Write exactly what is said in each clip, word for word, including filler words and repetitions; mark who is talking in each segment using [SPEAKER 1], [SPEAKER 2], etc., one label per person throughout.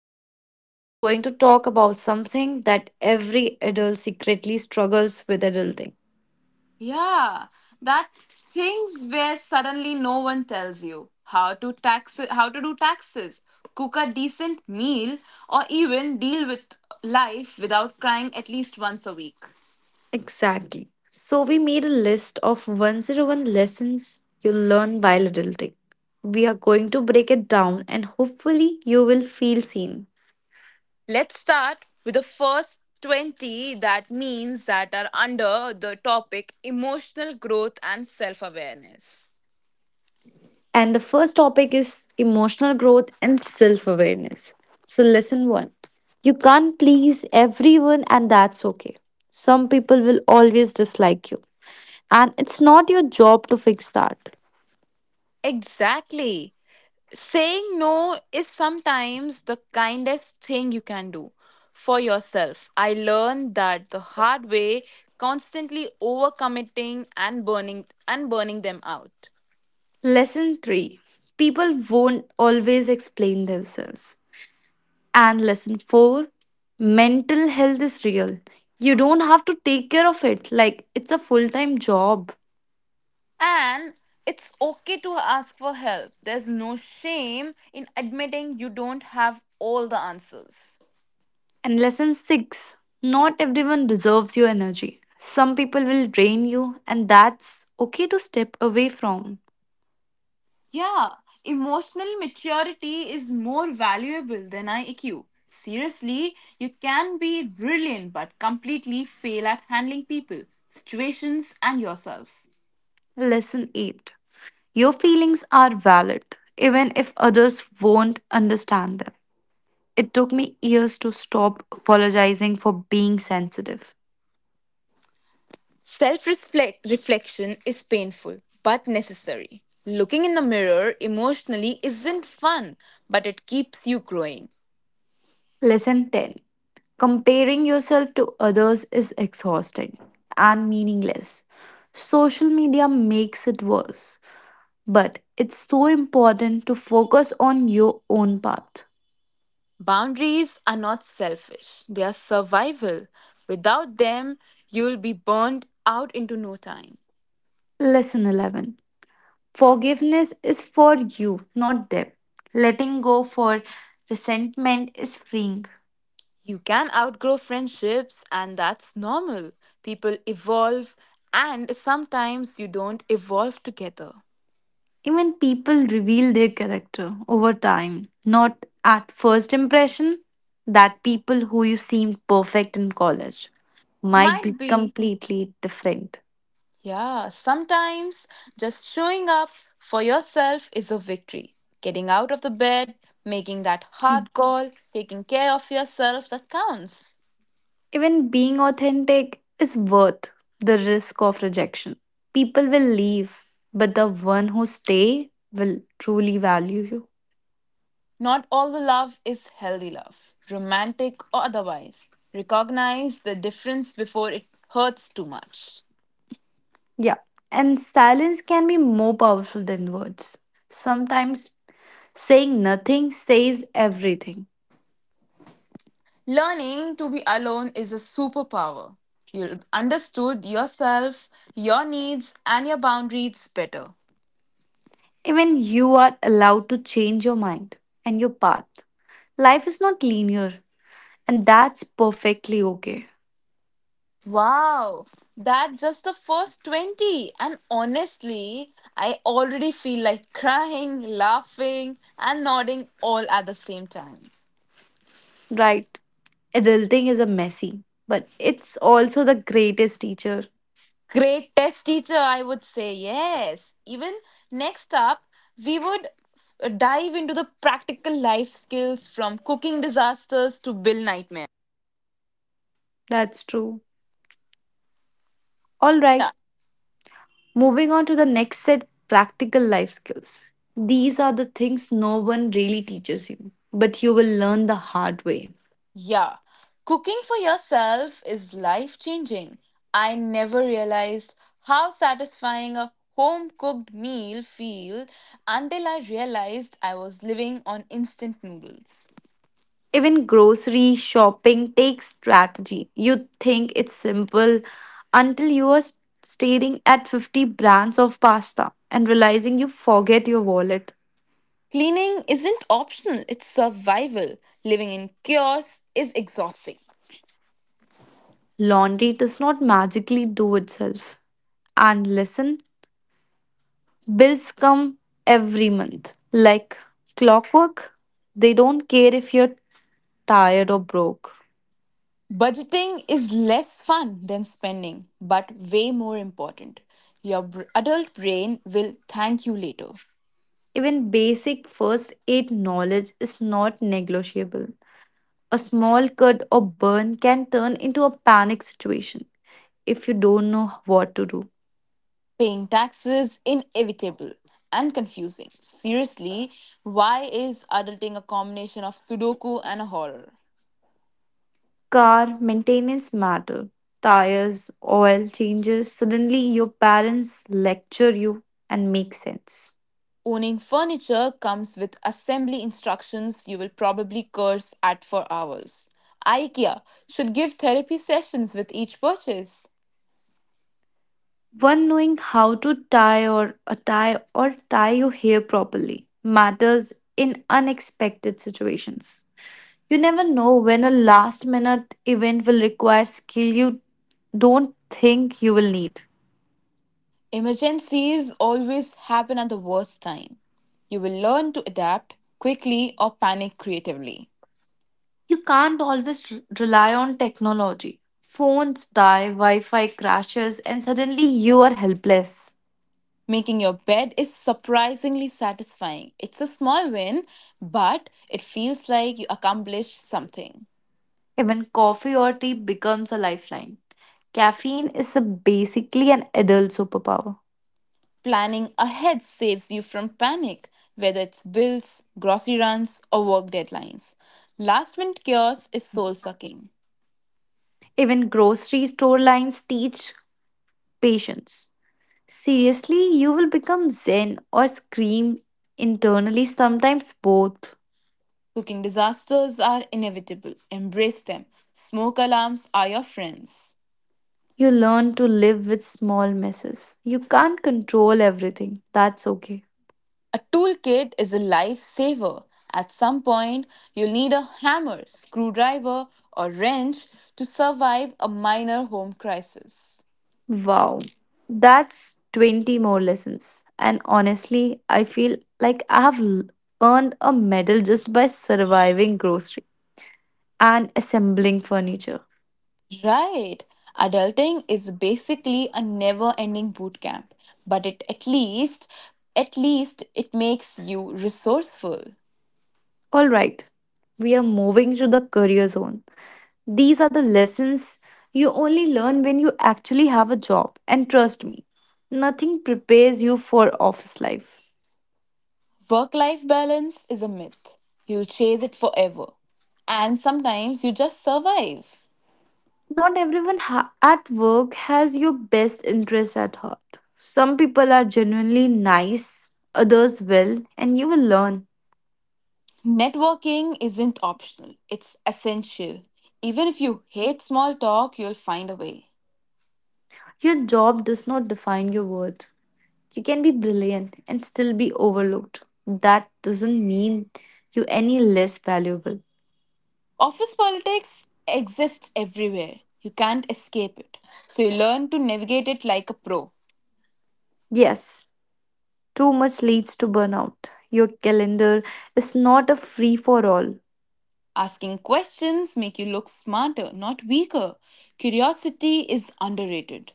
[SPEAKER 1] today we are going to talk about something that every adult secretly struggles with: adulting.
[SPEAKER 2] Yeah, that things where suddenly no one tells you how to tax how to do taxes, cook a decent meal, or even deal with life without crying at least once a week.
[SPEAKER 1] Exactly. So, we made a list of one oh one lessons you learn while adulting. We are going to break it down, and hopefully, you will feel seen.
[SPEAKER 2] Let's start with the first twenty that means that are under the topic emotional growth and self-awareness.
[SPEAKER 1] And the first topic is emotional growth and self awareness. So, lesson one, you can't please everyone, and that's okay. Some people will always dislike you, and it's not your job to fix that.
[SPEAKER 2] Exactly. Saying no is sometimes the kindest thing you can do for yourself. I learned that the hard way, constantly overcommitting and burning and burning them out.
[SPEAKER 1] Lesson three, people won't always explain themselves. And lesson four, mental health is real. You don't have to take care of it like it's a full time job.
[SPEAKER 2] And it's okay to ask for help. There's no shame in admitting you don't have all the answers.
[SPEAKER 1] And lesson six, not everyone deserves your energy. Some people will drain you, and that's okay to step away from.
[SPEAKER 2] Yeah, emotional maturity is more valuable than I Q. Seriously, you can be brilliant but completely fail at handling people, situations, and yourself.
[SPEAKER 1] Lesson eight, your feelings are valid, even if others won't understand them. It took me years to stop apologizing for being sensitive.
[SPEAKER 2] Self reflection is painful but necessary. Looking in the mirror emotionally isn't fun, but it keeps you growing.
[SPEAKER 1] Lesson ten, comparing yourself to others is exhausting and meaningless. Social media makes it worse, but it's so important to focus on your own path.
[SPEAKER 2] Boundaries are not selfish, they are survival. Without them, you'll be burned out into no time.
[SPEAKER 1] Lesson eleven, forgiveness is for you, not them. Letting go for resentment is freeing.
[SPEAKER 2] You can outgrow friendships, and that's normal. People evolve, and sometimes you don't evolve together.
[SPEAKER 1] Even people reveal their character over time, not at first impression. That people who you seemed perfect in college might be
[SPEAKER 2] Might be.
[SPEAKER 1] completely different.
[SPEAKER 2] Yeah, sometimes just showing up for yourself is a victory. Getting out of the bed, making that hard call, taking care of yourself that counts.
[SPEAKER 1] Even being authentic is worth the risk of rejection. People will leave, but the one who stay will truly value you.
[SPEAKER 2] Not all the love is healthy love, romantic or otherwise. Recognize the difference before it hurts too much.
[SPEAKER 1] Yeah. And silence can be more powerful than words. Sometimes saying nothing says everything.
[SPEAKER 2] Learning to be alone is a superpower. You understood yourself, your needs, and your boundaries better.
[SPEAKER 1] Even you are allowed to change your mind and your path. Life is not linear, and that's perfectly okay.
[SPEAKER 2] Wow, that's just the first twenty. And honestly, I already feel like crying, laughing, and nodding all at the same time.
[SPEAKER 1] Right? Adulting is a messy, but it's also the greatest teacher.
[SPEAKER 2] Great test teacher, I would say, yes. Even Next up, we would dive into the practical life skills from cooking disasters to bill nightmares.
[SPEAKER 1] That's true. All right, moving on to the next set, practical life skills. These are the things no one really teaches you, but you will learn the hard way.
[SPEAKER 2] Yeah, cooking for yourself is life changing. I never realized how satisfying a home cooked meal feel until I realized I was living on instant noodles.
[SPEAKER 1] Even grocery shopping takes strategy. You think it's simple until you are staring at fifty brands of pasta and realizing you forget your wallet.
[SPEAKER 2] Cleaning isn't optional, it's survival. Living in chaos is exhausting.
[SPEAKER 1] Laundry does not magically do itself. And listen, bills come every month, like clockwork. They don't care if you're tired or broke.
[SPEAKER 2] Budgeting is less fun than spending, but way more important. Your br- adult brain will thank you later.
[SPEAKER 1] Even basic first aid knowledge is not negotiable. A small cut or burn can turn into a panic situation if you don't know what to do.
[SPEAKER 2] Paying taxes inevitable and confusing. Seriously, why is adulting a combination of Sudoku and a horror?
[SPEAKER 1] Car maintenance matter. Tires, oil changes. Suddenly, your parents lecture you and make sense.
[SPEAKER 2] Owning furniture comes with assembly instructions you will probably curse at for hours. IKEA should give therapy sessions with each purchase.
[SPEAKER 1] One knowing how to tie or a tie or tie your hair properly matters in unexpected situations. You never know when a last minute event will require skill you don't think you will need.
[SPEAKER 2] Emergencies always happen at the worst time. You will learn to adapt quickly or panic creatively.
[SPEAKER 1] You can't always r- rely on technology. Phones die, Wi Fi crashes, and suddenly you are helpless.
[SPEAKER 2] Making your bed is surprisingly satisfying. It's a small win, but it feels like you accomplished something.
[SPEAKER 1] Even coffee or tea becomes a lifeline. Caffeine is a basically an adult superpower.
[SPEAKER 2] Planning ahead saves you from panic, whether it's bills, grocery runs, or work deadlines. Last minute chaos is soul sucking.
[SPEAKER 1] Even grocery store lines teach patience. Seriously, you will become zen or scream internally, sometimes both.
[SPEAKER 2] Cooking disasters are inevitable. Embrace them. Smoke alarms are your friends.
[SPEAKER 1] You learn to live with small messes. You can't control everything. That's okay.
[SPEAKER 2] A toolkit is a lifesaver. At some point, you'll need a hammer, screwdriver, or wrench to survive a minor home crisis.
[SPEAKER 1] Wow. That's twenty more lessons. And honestly, I feel like I have l- earned a medal just by surviving grocery and assembling furniture.
[SPEAKER 2] Right. Adulting is basically a never-ending boot camp, but it at least at least it makes you resourceful.
[SPEAKER 1] All right, we are moving to the career zone. These are the lessons you only learn when you actually have a job. And trust me, nothing prepares you for office life.
[SPEAKER 2] Work-life balance is a myth. You'll chase it forever, and sometimes you just survive.
[SPEAKER 1] Not everyone ha- at work has your best interests at heart. Some people are genuinely nice, others will, and you will learn.
[SPEAKER 2] Networking isn't optional, it's essential. Even if you hate small talk, you'll find a way.
[SPEAKER 1] Your job does not define your worth. You can be brilliant and still be overlooked. That doesn't mean you any less valuable.
[SPEAKER 2] Office politics exists everywhere, you can't escape it. So you learn to navigate it like a pro.
[SPEAKER 1] Yes, too much leads to burnout. Your calendar is not a free for all.
[SPEAKER 2] Asking questions make you look smarter, not weaker. Curiosity is underrated.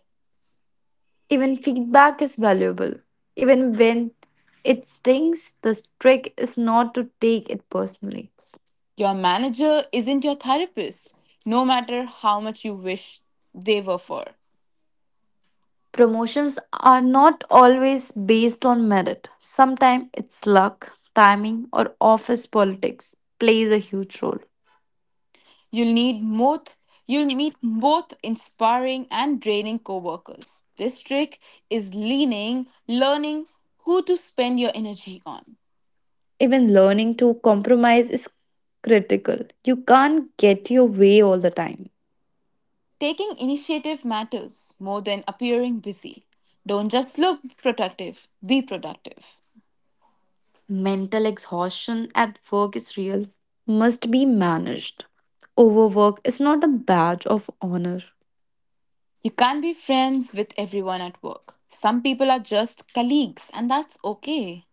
[SPEAKER 1] Even feedback is valuable. Even when it stings, the trick is not to take it personally.
[SPEAKER 2] Your manager isn't your therapist, no matter how much you wish they were for.
[SPEAKER 1] Promotions are not always based on merit. Sometimes it's luck, timing, or office politics plays a huge role.
[SPEAKER 2] You'll need both you'll meet both inspiring and draining coworkers. This trick is leaning, learning who to spend your energy on.
[SPEAKER 1] Even learning to compromise is critical. You can't get your way all the time.
[SPEAKER 2] Taking initiative matters more than appearing busy. Don't just look productive, be productive.
[SPEAKER 1] Mental exhaustion at work is real, must be managed. Overwork is not a badge of honor.
[SPEAKER 2] You can't be friends with everyone at work. Some people are just colleagues, and that's okay.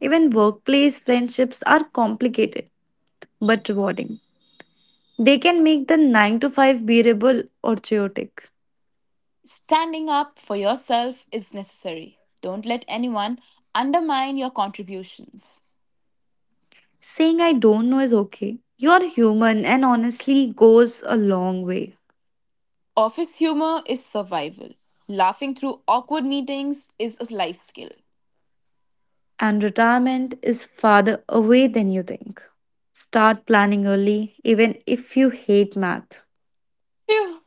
[SPEAKER 1] Even workplace friendships are complicated but rewarding. They can make the nine to five bearable or chaotic.
[SPEAKER 2] Standing up for yourself is necessary. Don't let anyone undermine your contributions.
[SPEAKER 1] Saying I don't know is okay. You're human and honestly goes a long way.
[SPEAKER 2] Office humor is survival. Laughing through awkward meetings is a life skill.
[SPEAKER 1] And retirement is farther away than you think. Start planning early, even if you hate math.
[SPEAKER 2] Phew,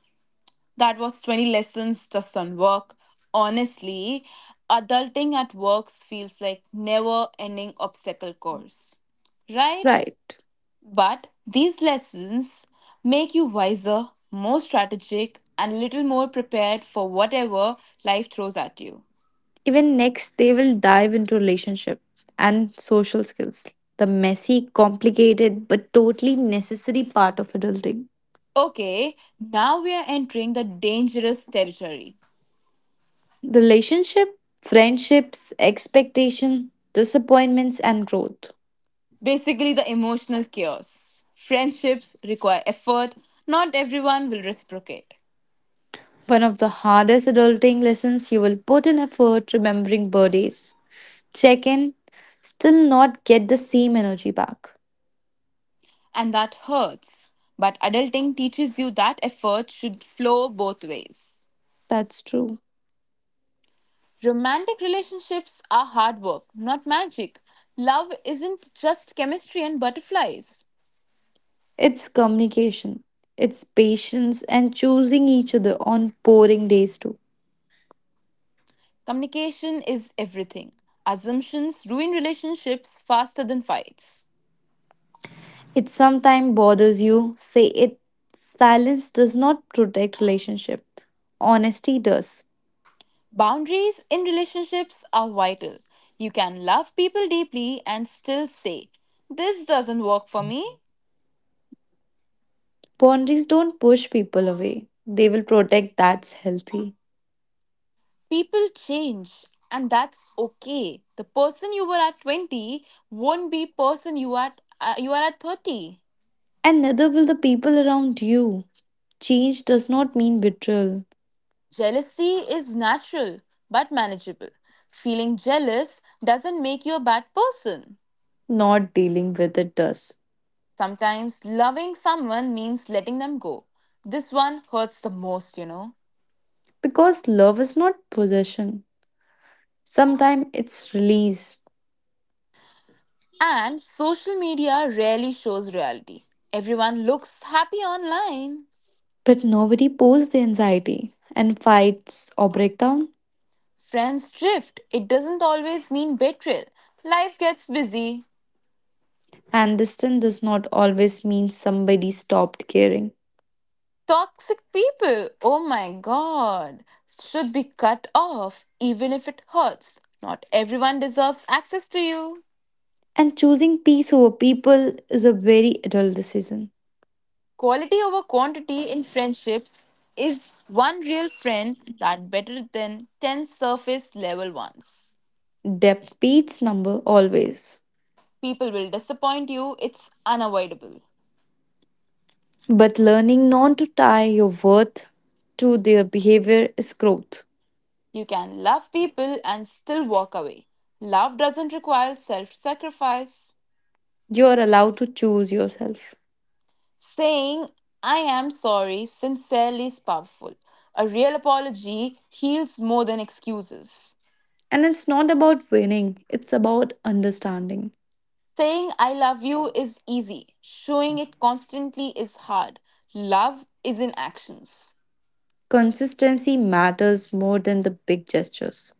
[SPEAKER 2] that was twenty lessons just on work. Honestly, adulting at work feels like never ending obstacle course. Right?
[SPEAKER 1] Right.
[SPEAKER 2] But these lessons make you wiser, more strategic, and a little more prepared for whatever life throws at you.
[SPEAKER 1] Even next, they will dive into relationship and social skills, the messy, complicated, but totally necessary part of adulting.
[SPEAKER 2] Okay, now we are entering the dangerous territory.
[SPEAKER 1] The relationship, friendships, expectation, disappointments, and growth.
[SPEAKER 2] Basically, the emotional chaos. Friendships require effort, not everyone will reciprocate.
[SPEAKER 1] One of the hardest adulting lessons: you will put in effort remembering birthdays, check in, still not get the same energy back.
[SPEAKER 2] And that hurts. But adulting teaches you that effort should flow both ways.
[SPEAKER 1] That's true.
[SPEAKER 2] Romantic relationships are hard work, not magic. Love isn't just chemistry and butterflies.
[SPEAKER 1] It's communication, it's patience, and choosing each other on boring days too.
[SPEAKER 2] Communication is everything. Assumptions ruin relationships faster than fights.
[SPEAKER 1] It sometimes bothers you, say it. Silence does not protect relationship. Honesty does.
[SPEAKER 2] Boundaries in relationships are vital. You can love people deeply and still say, this doesn't work for me.
[SPEAKER 1] Boundaries don't push people away. They will protect that's healthy.
[SPEAKER 2] People change, and that's okay. The person you were at twenty won't be person you are uh, you are at thirty.
[SPEAKER 1] And neither will the people around you. Change does not mean betrayal.
[SPEAKER 2] Jealousy is natural but manageable. Feeling jealous doesn't make you a bad person.
[SPEAKER 1] Not dealing with it does.
[SPEAKER 2] Sometimes loving someone means letting them go. This one hurts the most, you know.
[SPEAKER 1] Because love is not possession. Sometimes it's release.
[SPEAKER 2] And social media rarely shows reality. Everyone looks happy online.
[SPEAKER 1] But nobody posts the anxiety and fights or breakdown.
[SPEAKER 2] Friends drift. It doesn't always mean betrayal. Life gets busy.
[SPEAKER 1] And distance does not always mean somebody stopped caring.
[SPEAKER 2] Toxic people, oh my god, should be cut off even if it hurts. Not everyone deserves access to you.
[SPEAKER 1] And choosing peace over people is a very adult decision.
[SPEAKER 2] Quality over quantity in friendships is one real friend that better than ten surface level ones.
[SPEAKER 1] Depth beats number always.
[SPEAKER 2] People will disappoint you, it's unavoidable.
[SPEAKER 1] But learning not to tie your worth to their behavior is growth.
[SPEAKER 2] You can love people and still walk away. Love doesn't require self sacrifice.
[SPEAKER 1] You are allowed to choose yourself.
[SPEAKER 2] Saying, I am sorry, sincerely is powerful. A real apology heals more than excuses.
[SPEAKER 1] And it's not about winning, it's about understanding.
[SPEAKER 2] Saying, I love you is easy. Showing it constantly is hard. Love is in actions.
[SPEAKER 1] Consistency matters more than the big gestures.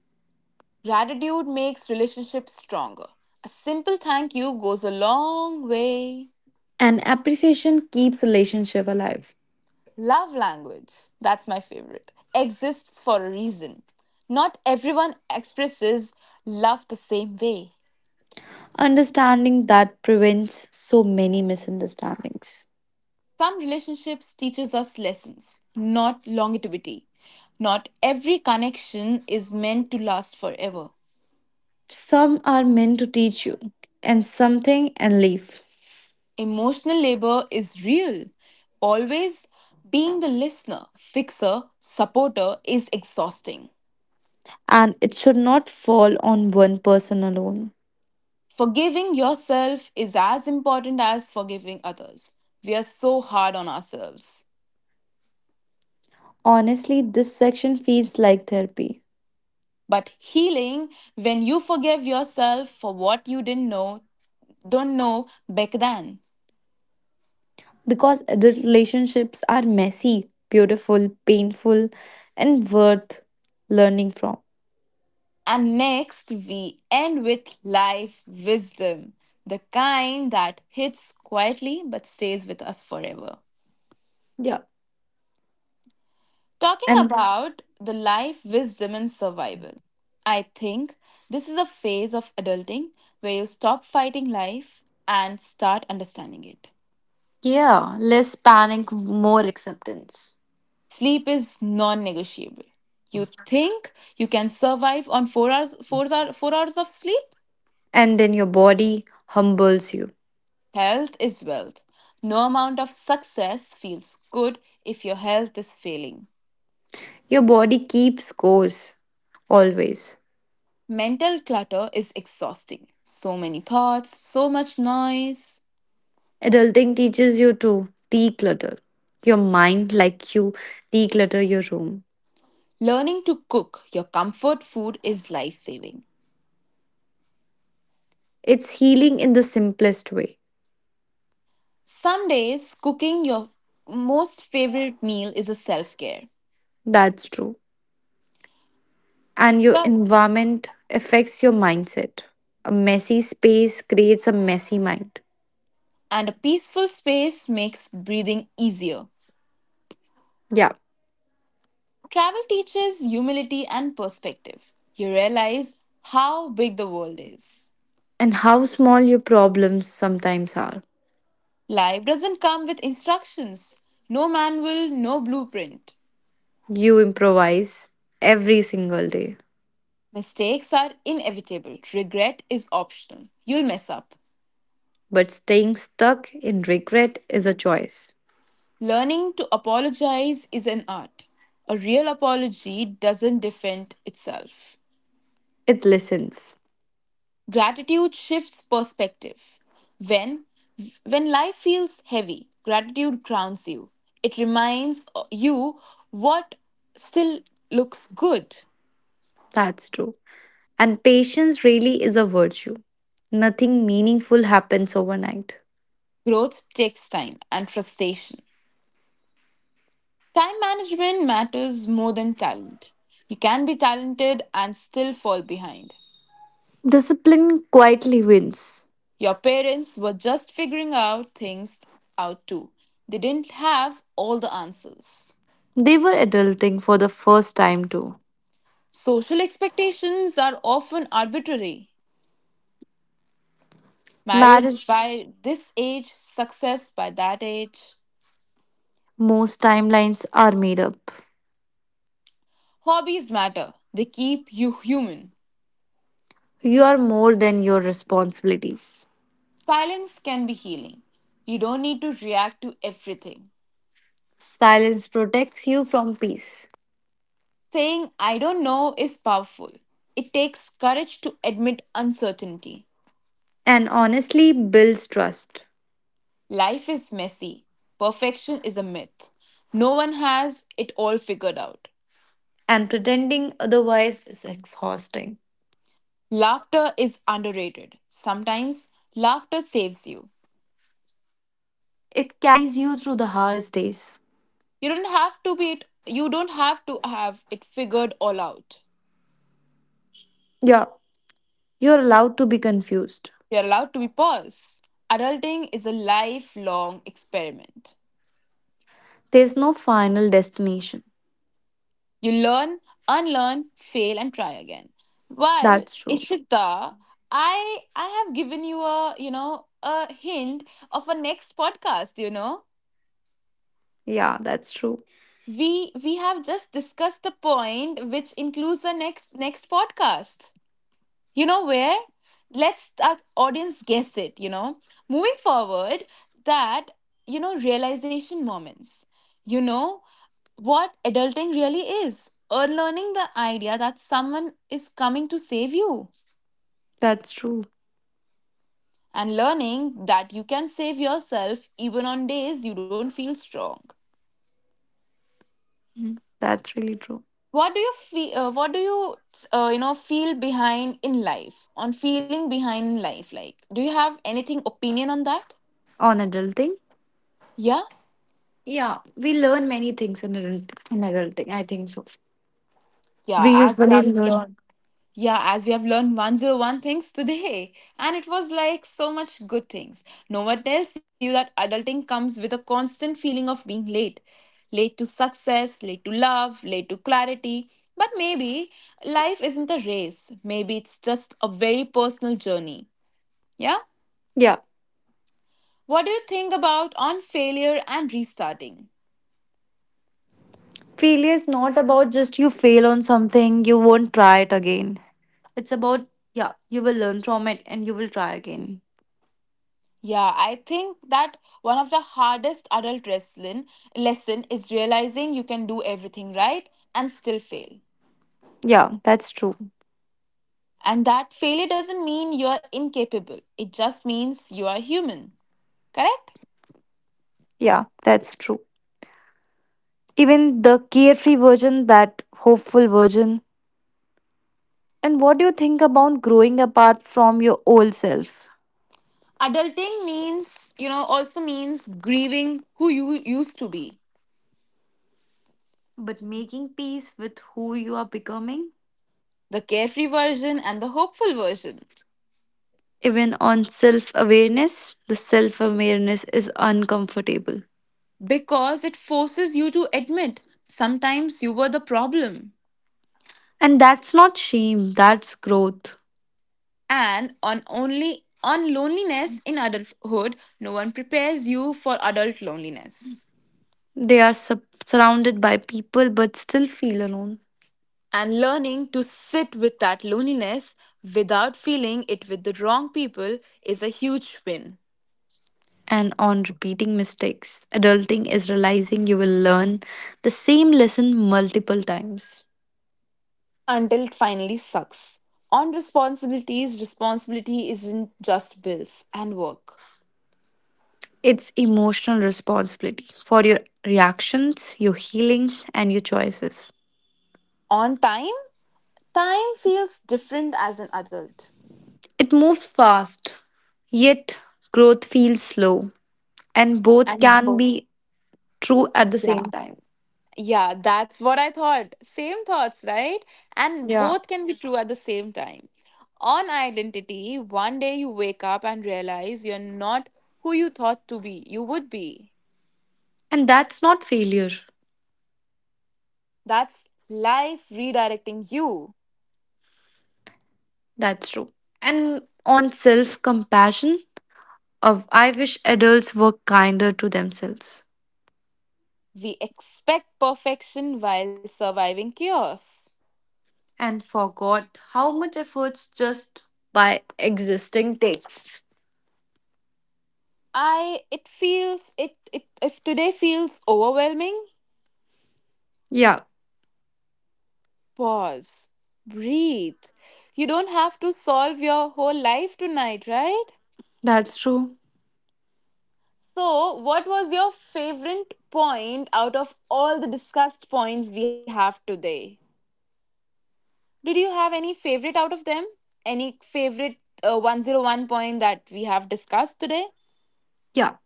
[SPEAKER 2] Gratitude makes relationships stronger. A simple thank you goes a long way.
[SPEAKER 1] And appreciation keeps relationship alive.
[SPEAKER 2] Love language, that's my favorite, exists for a reason. Not everyone expresses love the same way.
[SPEAKER 1] Understanding that prevents so many misunderstandings.
[SPEAKER 2] Some relationships teaches us lessons, not longevity. Not every connection is meant to last forever.
[SPEAKER 1] Some are meant to teach you and something and leave.
[SPEAKER 2] Emotional labor is real. Always being the listener, fixer, supporter is exhausting.
[SPEAKER 1] And it should not fall on one person alone.
[SPEAKER 2] Forgiving yourself is as important as forgiving others. We are so hard on ourselves.
[SPEAKER 1] Honestly, this section feels like therapy,
[SPEAKER 2] But healing when you forgive yourself for what you didn't know, don't know back then.
[SPEAKER 1] because adult relationships are messy, beautiful, painful, and worth learning from.
[SPEAKER 2] And next, we end with life wisdom, the kind that hits quietly but stays with us forever.
[SPEAKER 1] Yeah.
[SPEAKER 2] Talking
[SPEAKER 1] And
[SPEAKER 2] about the life wisdom and survival, I think this is a phase of adulting where you stop fighting life and start understanding it.
[SPEAKER 1] yeah, less panic, more acceptance.
[SPEAKER 2] Sleep is non-negotiable. You think you can survive on four hours, four hours, four hours of sleep?
[SPEAKER 1] And then your body humbles you.
[SPEAKER 2] Health is wealth. No amount of success feels good if your health is failing.
[SPEAKER 1] Your body keeps course always.
[SPEAKER 2] Mental clutter is exhausting. So many thoughts, so much noise.
[SPEAKER 1] Adulting teaches you to declutter your mind like you declutter your room.
[SPEAKER 2] Learning to cook your comfort food is life saving.
[SPEAKER 1] It's healing in the simplest way.
[SPEAKER 2] Some days, cooking your most favorite meal is a self care.
[SPEAKER 1] That's true. And your environment affects your mindset. A messy space creates a messy mind.
[SPEAKER 2] And a peaceful space makes breathing easier.
[SPEAKER 1] Yeah.
[SPEAKER 2] Travel teaches humility and perspective. You realize how big the world is.
[SPEAKER 1] And how small your problems sometimes are.
[SPEAKER 2] Life doesn't come with instructions, no manual, no blueprint.
[SPEAKER 1] You improvise every single day.
[SPEAKER 2] Mistakes are inevitable, regret is optional. You'll mess up.
[SPEAKER 1] But staying stuck in regret is a choice.
[SPEAKER 2] Learning to apologize is an art. A real apology doesn't defend itself.
[SPEAKER 1] It listens.
[SPEAKER 2] Gratitude shifts perspective when when life feels heavy, gratitude grounds you. It reminds uh, you what still looks good.
[SPEAKER 1] That's true. And patience really is a virtue. Nothing meaningful happens overnight.
[SPEAKER 2] Growth takes time and frustration. Time management matters more than talent. You can be talented and still fall behind.
[SPEAKER 1] Discipline quietly wins.
[SPEAKER 2] Your parents were just figuring out things out too. They didn't have all the answers.
[SPEAKER 1] They were adulting for the first time too.
[SPEAKER 2] Social expectations are often arbitrary. Marriage
[SPEAKER 1] Marriage,
[SPEAKER 2] by this age, success by that age.
[SPEAKER 1] most timelines are made up.
[SPEAKER 2] Hobbies matter, they keep you human.
[SPEAKER 1] You are more than your responsibilities.
[SPEAKER 2] Silence can be healing. You don't need to react to everything.
[SPEAKER 1] Silence protects you from peace
[SPEAKER 2] Saying I don't know is powerful. It takes courage to admit uncertainty.
[SPEAKER 1] and honestly builds trust.
[SPEAKER 2] Life is messy. Perfection is a myth. No one has it all figured out.
[SPEAKER 1] And pretending otherwise is exhausting.
[SPEAKER 2] Laughter is underrated. Sometimes laughter saves you.
[SPEAKER 1] It carries you through the hardest days.
[SPEAKER 2] You don't have to be it. You don't have to have it figured all out.
[SPEAKER 1] Yeah, you're allowed to be confused.
[SPEAKER 2] You're allowed to be pause. Adulting is a lifelong experiment.
[SPEAKER 1] There's no final destination.
[SPEAKER 2] You learn, unlearn, fail, and try again. Well,
[SPEAKER 1] That's true.
[SPEAKER 2] Ishita, I I have given you a you know a hint of a next podcast. You know
[SPEAKER 1] Yeah, that's true.
[SPEAKER 2] we we have just discussed a point which includes the next next podcast. You know where? Let's our audience guess it, you know. Moving forward, that, you know, realization moments. You know what adulting really is. Unlearning the idea that someone is coming to save you
[SPEAKER 1] That's true.
[SPEAKER 2] and learning that you can save yourself even on days you don't feel strong.
[SPEAKER 1] Mhm. That's really true.
[SPEAKER 2] What do you feel? Uh, what do you, uh, you know, Feel behind in life? On feeling behind in life, like, do you have anything opinion on that?
[SPEAKER 1] On adulting,
[SPEAKER 2] Yeah,
[SPEAKER 1] yeah, we learn many things in adulting. In adulting, I think so.
[SPEAKER 2] yeah.
[SPEAKER 1] We
[SPEAKER 2] As you
[SPEAKER 1] usually
[SPEAKER 2] have
[SPEAKER 1] learn.
[SPEAKER 2] learned. Yeah, as we have learned one oh one things today. And it was like so much good things. No one tells you that adulting comes with a constant feeling of being late. Late to success, late to love, late to clarity. But maybe life isn't a race. Maybe it's just a very personal journey. Yeah?
[SPEAKER 1] Yeah,
[SPEAKER 2] What do you think about on failure and restarting?
[SPEAKER 1] failure is not about just you fail on something, you won't try it again. It's about, yeah, you will learn from it and you will try again.
[SPEAKER 2] Yeah, I think that one of the hardest adult wrestling lesson is realizing you can do everything right and still fail.
[SPEAKER 1] Yeah, that's true.
[SPEAKER 2] And that failure doesn't mean you're incapable, it just means you are human. Correct?
[SPEAKER 1] Yeah, that's true. Even the carefree version, that hopeful version. And what do you think about growing apart from your old self?
[SPEAKER 2] Adulting means, you know, also means grieving who you used to be,
[SPEAKER 1] But making peace with who you are becoming?
[SPEAKER 2] the carefree version and the hopeful version,
[SPEAKER 1] Even on self awareness, the self awareness is uncomfortable.
[SPEAKER 2] because it forces you to admit sometimes you were the problem.
[SPEAKER 1] And that's not shame, that's growth.
[SPEAKER 2] And on only on loneliness in adulthood, no one prepares you for adult loneliness.
[SPEAKER 1] They are sup- surrounded by people but still feel alone.
[SPEAKER 2] And learning to sit with that loneliness without feeling it with the wrong people is a huge win
[SPEAKER 1] And on repeating mistakes, adulting is realizing you will learn the same lesson multiple times.
[SPEAKER 2] until it finally sucks. On responsibilities, responsibility isn't just bills and work.
[SPEAKER 1] It's emotional responsibility for your reactions, your healings, and your choices.
[SPEAKER 2] On time, time feels different as an adult.
[SPEAKER 1] It moves fast, yet growth feels slow, and both
[SPEAKER 2] And
[SPEAKER 1] can
[SPEAKER 2] both.
[SPEAKER 1] be true at the
[SPEAKER 2] Yeah.
[SPEAKER 1] same time.
[SPEAKER 2] Yeah, that's what I thought. Same thoughts, right? And
[SPEAKER 1] Yeah.
[SPEAKER 2] both can be true at the same time. On identity, one day you wake up and realize you're not who you thought to be, you would be.
[SPEAKER 1] And that's not failure.
[SPEAKER 2] That's life redirecting you.
[SPEAKER 1] That's true. And on self compassion, of I wish adults were kinder to themselves
[SPEAKER 2] We expect perfection while surviving chaos.
[SPEAKER 1] and forgot how much efforts just by existing takes.
[SPEAKER 2] I it feels it, it If today feels overwhelming,
[SPEAKER 1] Yeah,
[SPEAKER 2] pause. Breathe. You don't have to solve your whole life tonight, right?
[SPEAKER 1] that's true.
[SPEAKER 2] So, what was your favorite point out of all the discussed points we have today? Did you have any favorite out of them? Any favorite uh, one oh one point that we have discussed today?
[SPEAKER 1] Yeah,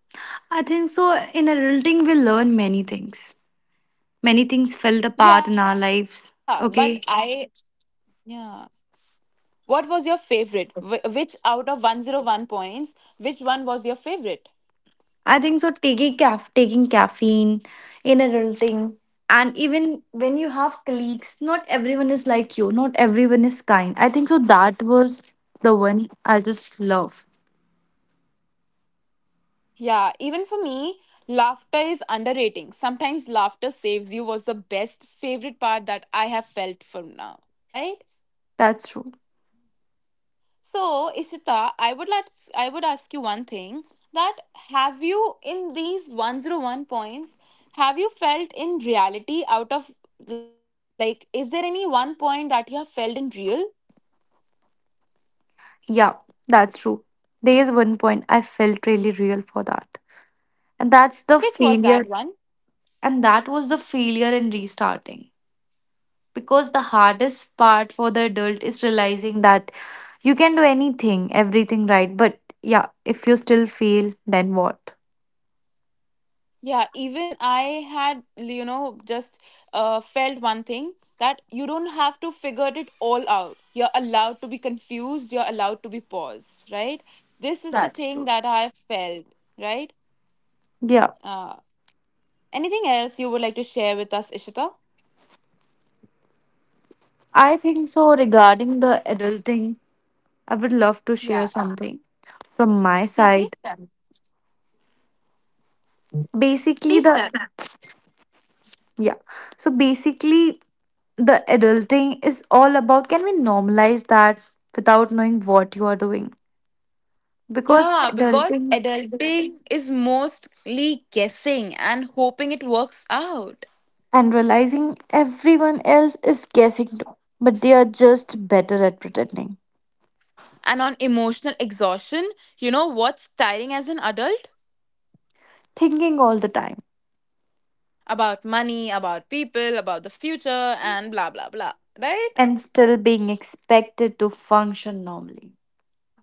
[SPEAKER 1] I think so. In adulting, we learn many things. Many things fell
[SPEAKER 2] Yeah,
[SPEAKER 1] apart in
[SPEAKER 2] but
[SPEAKER 1] our
[SPEAKER 2] I,
[SPEAKER 1] lives. Okay,
[SPEAKER 2] yeah. What was your favorite? Wh- which out of one oh one points, which one was your favorite?
[SPEAKER 1] I think so. Taking caf- taking caffeine in adulting, and even when you have colleagues, not everyone is like you. Not everyone is kind. I think so. That was the one I just love.
[SPEAKER 2] Yeah, even for me, laughter is underrating. Sometimes laughter saves you was the best favorite part that I have felt from now, right?
[SPEAKER 1] That's true.
[SPEAKER 2] So, Ishita, I would like I would ask you one thing that have you in these one oh one points have you felt in reality out of like is there any one point that you have felt in real?
[SPEAKER 1] Yeah, that's true. There is one point I felt really real for that, and that's
[SPEAKER 2] Which
[SPEAKER 1] the
[SPEAKER 2] was that
[SPEAKER 1] failure.
[SPEAKER 2] one?
[SPEAKER 1] And that was the failure in restarting, because the hardest part for the adult is realizing that you can do anything, everything right, but yeah, if you still fail, then what?
[SPEAKER 2] Yeah, even I had you know just uh, felt one thing that you don't have to figure it all out. You're allowed to be confused, you're allowed to be paused, right? This is the
[SPEAKER 1] That's
[SPEAKER 2] thing
[SPEAKER 1] true.
[SPEAKER 2] that I have felt, right?
[SPEAKER 1] Yeah,
[SPEAKER 2] Uh, Anything else you would like to share with us, Ishita?
[SPEAKER 1] I think so. Regarding the adulting, I would love to share
[SPEAKER 2] Yeah.
[SPEAKER 1] something from my
[SPEAKER 2] Yeah,
[SPEAKER 1] side.
[SPEAKER 2] please tell.
[SPEAKER 1] Basically,
[SPEAKER 2] Please
[SPEAKER 1] the
[SPEAKER 2] tell.
[SPEAKER 1] yeah, so basically, the adulting is all about, can we normalize that without knowing what you are doing? Because
[SPEAKER 2] Yeah, because
[SPEAKER 1] adulting
[SPEAKER 2] adulting is mostly guessing and hoping it works out.
[SPEAKER 1] and realizing everyone else is guessing too, but they are just better at pretending,
[SPEAKER 2] And on emotional exhaustion, you know what's tiring as an adult?
[SPEAKER 1] thinking all the time,
[SPEAKER 2] About money, about people, about the future, and blah, blah, blah. Right?
[SPEAKER 1] and still being expected to function normally.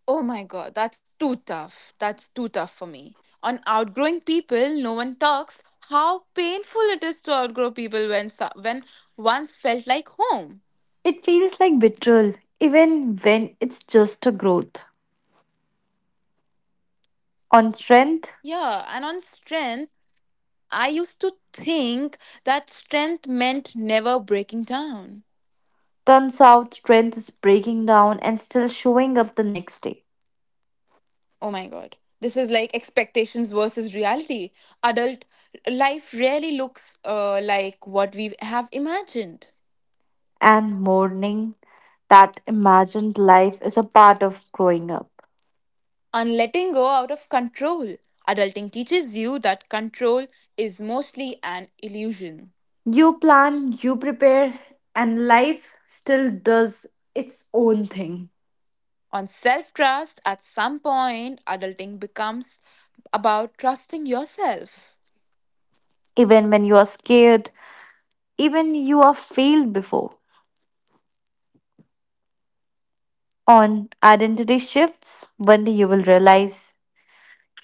[SPEAKER 2] Oh my god, that's too tough. That's too tough for me. On outgrowing people, no one talks how painful it is to outgrow people when so- when once felt like home.
[SPEAKER 1] It feels like betrayal, even when it's just a growth.
[SPEAKER 2] Yeah, and on
[SPEAKER 1] On strength,
[SPEAKER 2] strength, I used to think that strength meant never breaking down.
[SPEAKER 1] turns out strength is breaking down and still showing up the next day,
[SPEAKER 2] Oh my god. This is like expectations versus reality. Adult life rarely looks uh, like what we have imagined.
[SPEAKER 1] and mourning that imagined life is a part of growing up.
[SPEAKER 2] On letting go out of control. Adulting teaches you that control is mostly an illusion.
[SPEAKER 1] You plan, you prepare, and life still does its own thing.
[SPEAKER 2] On self trust, at some point, adulting becomes about trusting yourself.
[SPEAKER 1] Even when you are scared, even you are failed before. On identity shifts, one day you will realize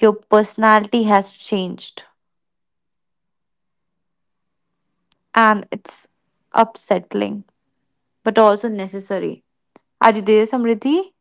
[SPEAKER 1] your personality has changed. And it's upsetting, but also necessary. Are you there, Samriddhi?